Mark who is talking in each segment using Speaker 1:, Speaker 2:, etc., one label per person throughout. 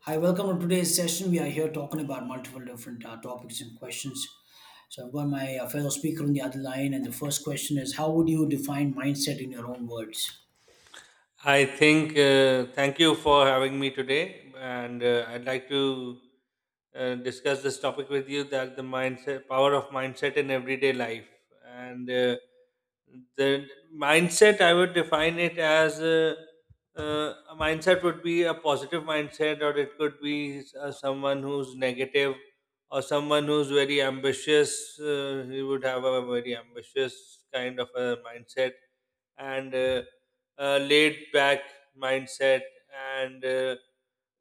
Speaker 1: Hi, welcome to today's session. We are here talking about multiple different topics and questions. So, I've got my fellow speaker on the other line, and the first question is: how would you define mindset in your own words?
Speaker 2: I think, thank you for having me today. And I'd like to discuss this topic with you that the mindset, power of mindset in everyday life. And the mindset, I would define it as a mindset would be a positive mindset, or it could be someone who's negative, or someone who's very ambitious. He would have a very ambitious kind of a mindset and laid back mindset, and uh,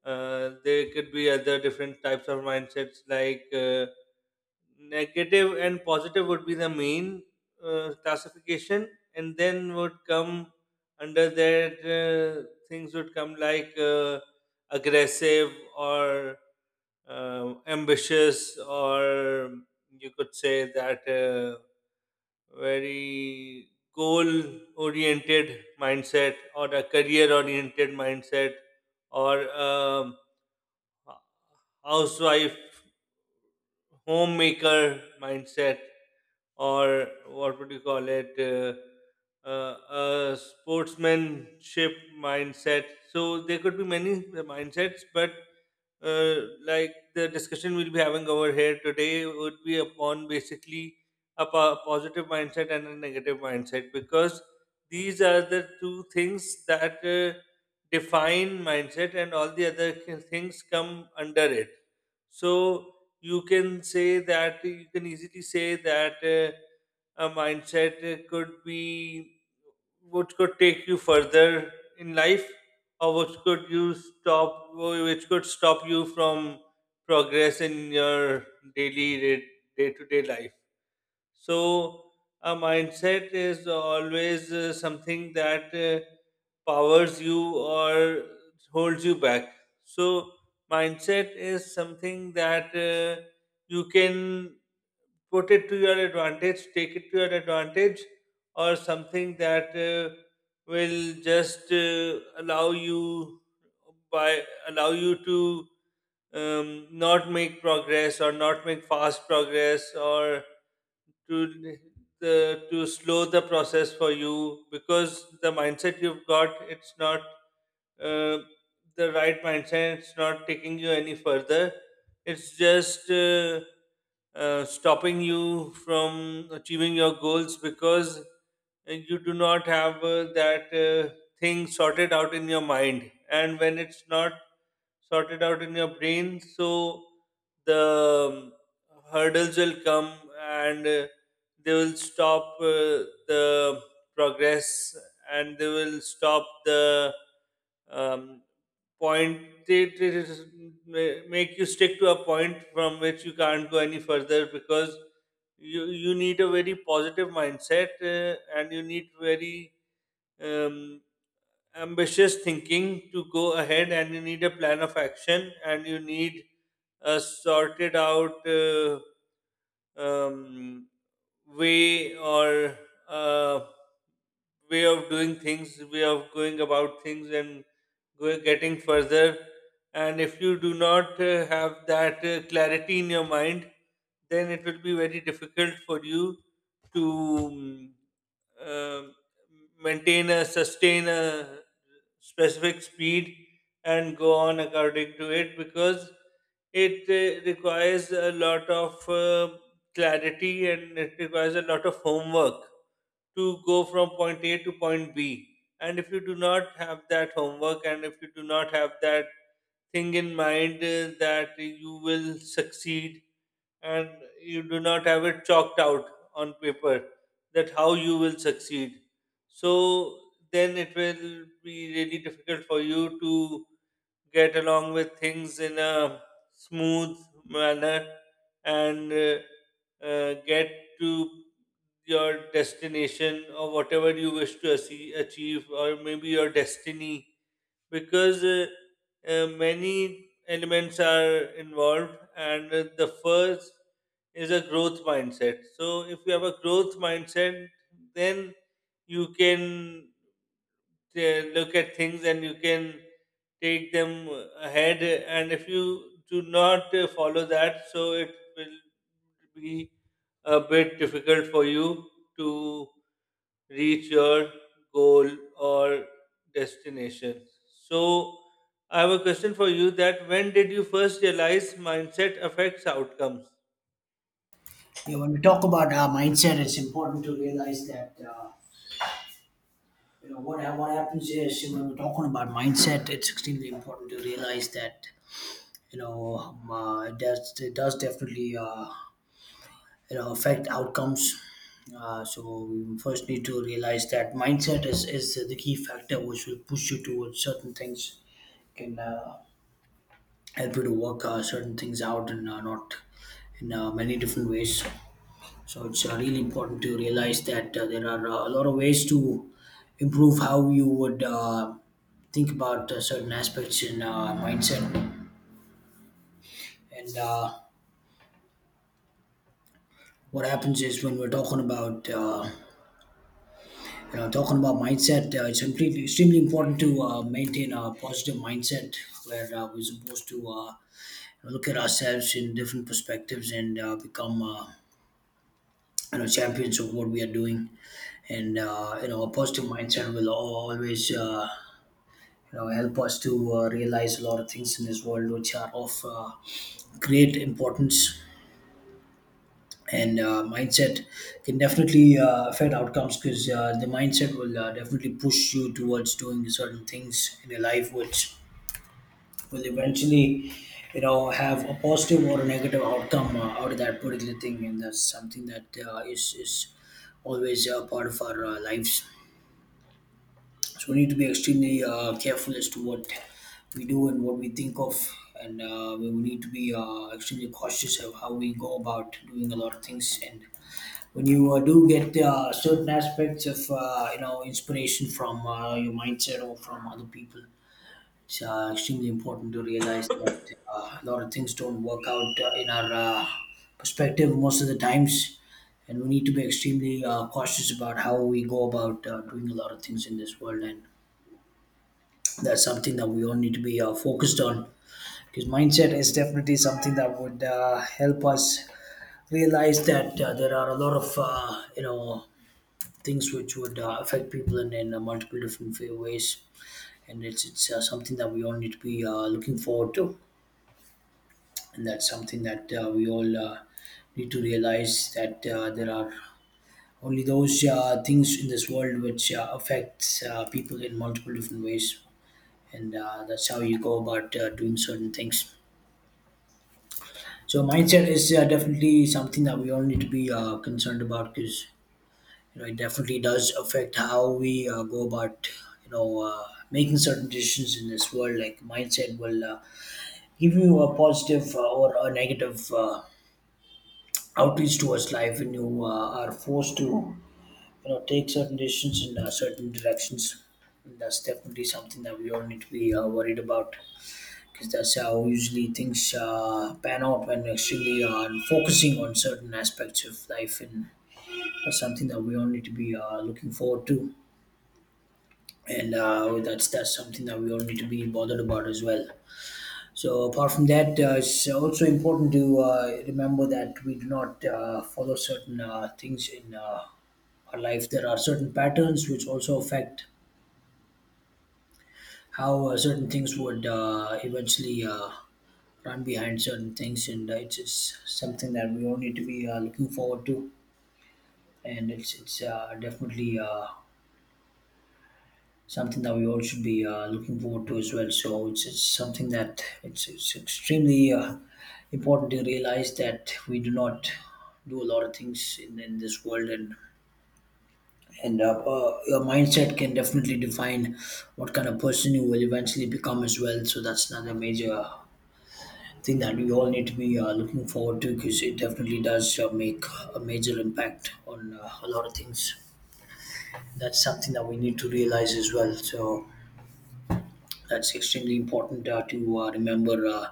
Speaker 2: uh, there could be other different types of mindsets like negative and positive would be the main classification, and then would come under that things would come like aggressive or ambitious, or you could say that very goal oriented mindset, or a career oriented mindset, or housewife homemaker mindset, or what would you call it, uh, a sportsmanship mindset. So there could be many mindsets, but uh, like the discussion we'll be having over here today would be upon basically a positive mindset and a negative mindset, because these are the two things that define mindset, and all the other things come under it. So you can say that, you can easily say that a mindset could be which could take you further in life, or which could stop you from progress in your daily day to day life. So a mindset is always something that powers you or holds you back. So mindset is something that you can put it to your advantage, take it to your advantage, or something that will just allow you by allow you to not make progress, or not make fast progress, or to to slow the process for you, because the mindset you've got, it's not uh, the right mindset. It's not taking you any further. It's just stopping you from achieving your goals, because you do not have that thing sorted out in your mind. And when it's not sorted out in your brain, so the hurdles will come, and they will stop the progress, and they will stop the um, point. They ma- make you stick to a point from which you can't go any further, because you need a very positive mindset, and you need very um, ambitious thinking to go ahead, and you need a plan of action, and you need a sorted out um, way, or uh, way of doing things, way of going about things, and getting further. And if you do not have that clarity in your mind, then it will be very difficult for you to um, um, maintain a sustain a specific speed and go on according to it, because it requires a lot of clarity, and it requires a lot of homework to go from point A to point B. And if you do not have that homework, and if you do not have that thing in mind that you will succeed, and you do not have it chalked out on paper that how you will succeed. So then it will be really difficult for you to get along with things in a smooth manner, and get to your destination, or whatever you wish to achieve, or maybe your destiny, because many elements are involved, and the first is a growth mindset. So if you have a growth mindset, then you can look at things, and you can take them ahead. And if you do not follow that, so it will be a bit difficult for you to reach your goal or destination. So, I have a question for you, that when did you first realize mindset affects outcomes?
Speaker 1: Yeah, when we talk about mindset, it's important to realize that you know what happens is when we're talking about mindset, it's extremely important to realize that you know it does definitely you know affect outcomes. So we first need to realize that mindset is the key factor which will push you towards certain things, can help you to work certain things out, and not in many different ways. So it's really important to realize that there are a lot of ways to improve how you would think about certain aspects in mindset. And What happens is when we're talking about talking about mindset, it's completely extremely important to maintain a positive mindset, where we're supposed to look at ourselves in different perspectives and become champions of what we are doing. And you know a positive mindset will always you know help us to realize a lot of things in this world which are of great importance. And mindset can definitely affect outcomes, because the mindset will definitely push you towards doing certain things in your life which will eventually you know have a positive or a negative outcome out of that particular thing, and that's something that is always part of our lives. So we need to be extremely careful as to what we do and what we think of. And we will need to be extremely cautious of how we go about doing a lot of things. And when you do get certain aspects of inspiration from your mindset or from other people, it's extremely important to realize that a lot of things don't work out in our perspective most of the times. And we need to be extremely cautious about how we go about doing a lot of things in this world, and that's something that we all need to be focused on, because mindset is definitely something that would help us realize that there are a lot of things which would affect people in multiple different ways. And it's something that we all need to be looking forward to. And that's something that we all need to realize that there are only those things in this world which affect people in multiple different ways. And that's how you go about doing certain things. So mindset is definitely something that we all need to be concerned about, because you know it definitely does affect how we go about you know uh, making certain decisions in this world. Like mindset will give you a positive or a negative outreach towards life when you are forced to you know take certain decisions in certain directions. And that's definitely something that we all need to be worried about, because that's how usually things pan out when actually focusing on certain aspects of life. And that's something that we all need to be looking forward to. And that's something that we all need to be bothered about as well. So apart from that, it's also important to remember that we do not follow certain things in our life. There are certain patterns which also affect how certain things would eventually run behind certain things, and it's something that we all need to be looking forward to. And it's definitely something that we all should be looking forward to as well. So it's something that it's extremely important to realize that we do not do a lot of things in this world. And Your mindset can definitely define what kind of person you will eventually become as well. So that's another major thing that we all need to be looking forward to, because it definitely does make a major impact on a lot of things. That's something that we need to realize as well. So that's extremely important to remember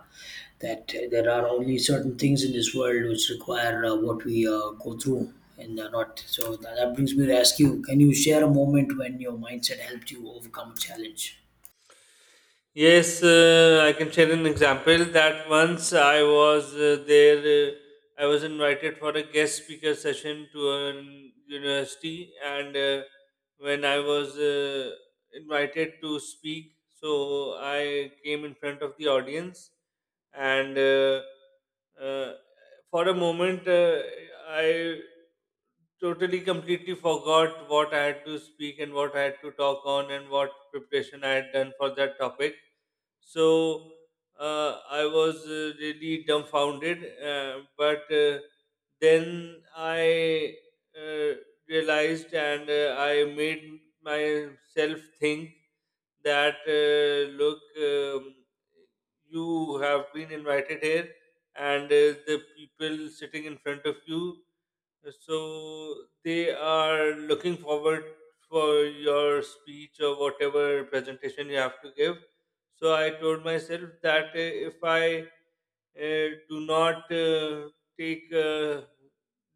Speaker 1: that there are only certain things in this world which require what we go through and not. So that brings me to ask you, can you share a moment when your mindset helped you overcome a challenge?
Speaker 2: Yes, I can share an example that once I was I was invited for a guest speaker session to a university, and when I was invited to speak, so I came in front of the audience, and uh, for a moment, I totally completely forgot what I had to speak, and what I had to talk on, and what preparation I had done for that topic. So I was really dumbfounded, but then I uh, realized, and I made myself think that, look, you have been invited here, and the people sitting in front of you, so they are looking forward for your speech or whatever presentation you have to give. So I told myself that if I do not take a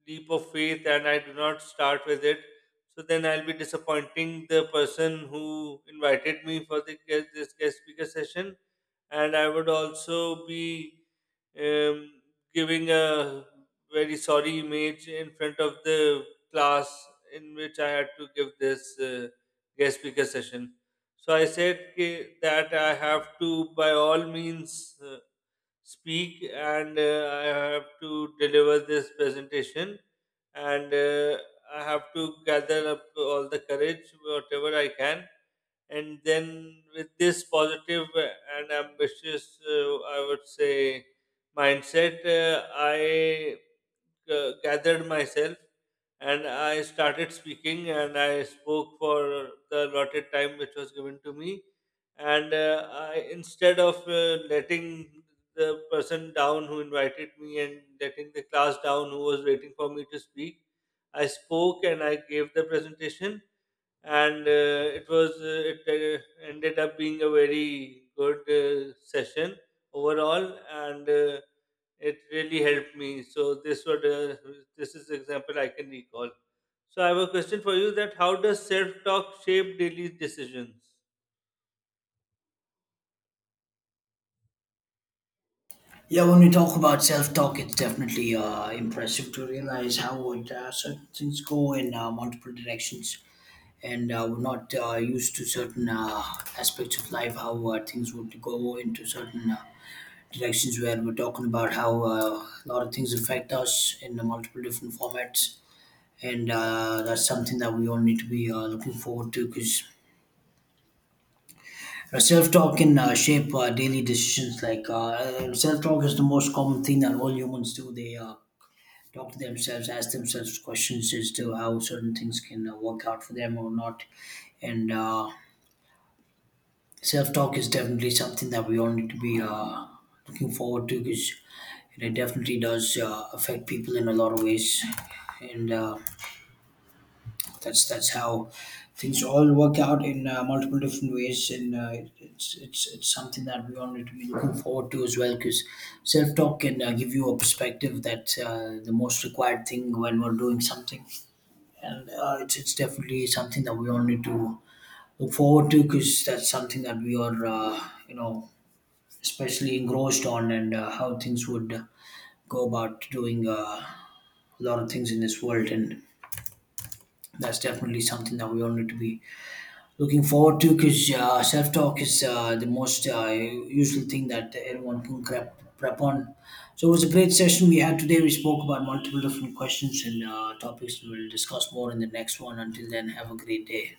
Speaker 2: leap of faith, and I do not start with it, so then I'll be disappointing the person who invited me for the this guest speaker session, and I would also be um, giving a very sorry image in front of the class in which I had to give this guest speaker session. So I said that I have to, by all means, speak, and I have to deliver this presentation, and I have to gather up all the courage, whatever I can. And then, with this positive and ambitious, I would say, mindset, I gathered myself, and I started speaking, and I spoke for the allotted time which was given to me. And I, instead of letting the person down who invited me, and letting the class down who was waiting for me to speak, I spoke and I gave the presentation. And it ended up being a very good session overall. And it really helped me. So this is the example I can recall. So I have a question for you: that how does self-talk shape daily decisions?
Speaker 1: Yeah, when we talk about self talk, it's definitely impressive to realize how it, certain things go in multiple directions. And we're not used to certain aspects of life, how things would go into certain directions, where we're talking about how a lot of things affect us in the multiple different formats. And that's something that we all need to be looking forward to, because self-talk can shape our daily decisions. Like self-talk is the most common thing that all humans do. They talk to themselves, ask themselves questions as to how certain things can work out for them or not. And self-talk is definitely something that we all need to be looking forward to, because and it definitely does affect people in a lot of ways. And that's how things all work out in multiple different ways. And it's something that we all to be looking forward to as well, because self-talk can give you a perspective that the most required thing when we're doing something. And it's definitely something that we all to look forward to, because that's something that we are especially engrossed on, and how things would go about doing a lot of things in this world, and that's definitely something that we all need to be looking forward to, because self talk is the most useful thing that everyone can prep on. So, it was a great session we had today. We spoke about multiple different questions and topics, and we'll discuss more in the next one. Until then, have a great day.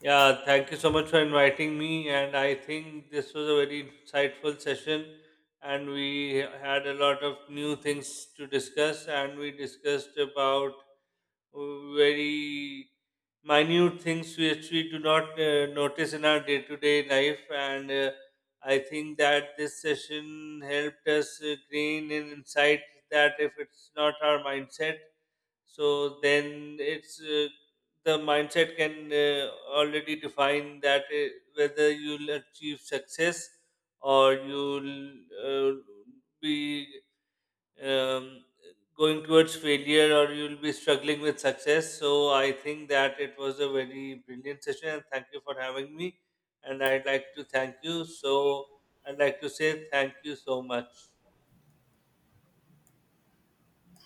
Speaker 2: Yeah, thank you so much for inviting me, and I think this was a very insightful session, and we had a lot of new things to discuss, and we discussed about very minute things which we do not notice in our day to day life. And I think that this session helped us gain an insight that if it's not our mindset, so then it's the mindset can already define that whether you'll achieve success, or you'll uh, be um, going towards failure, or you'll be struggling with success. So I think that it was a very brilliant session, and thank you for having me. And I'd like to thank you. So I'd like to say thank you so much.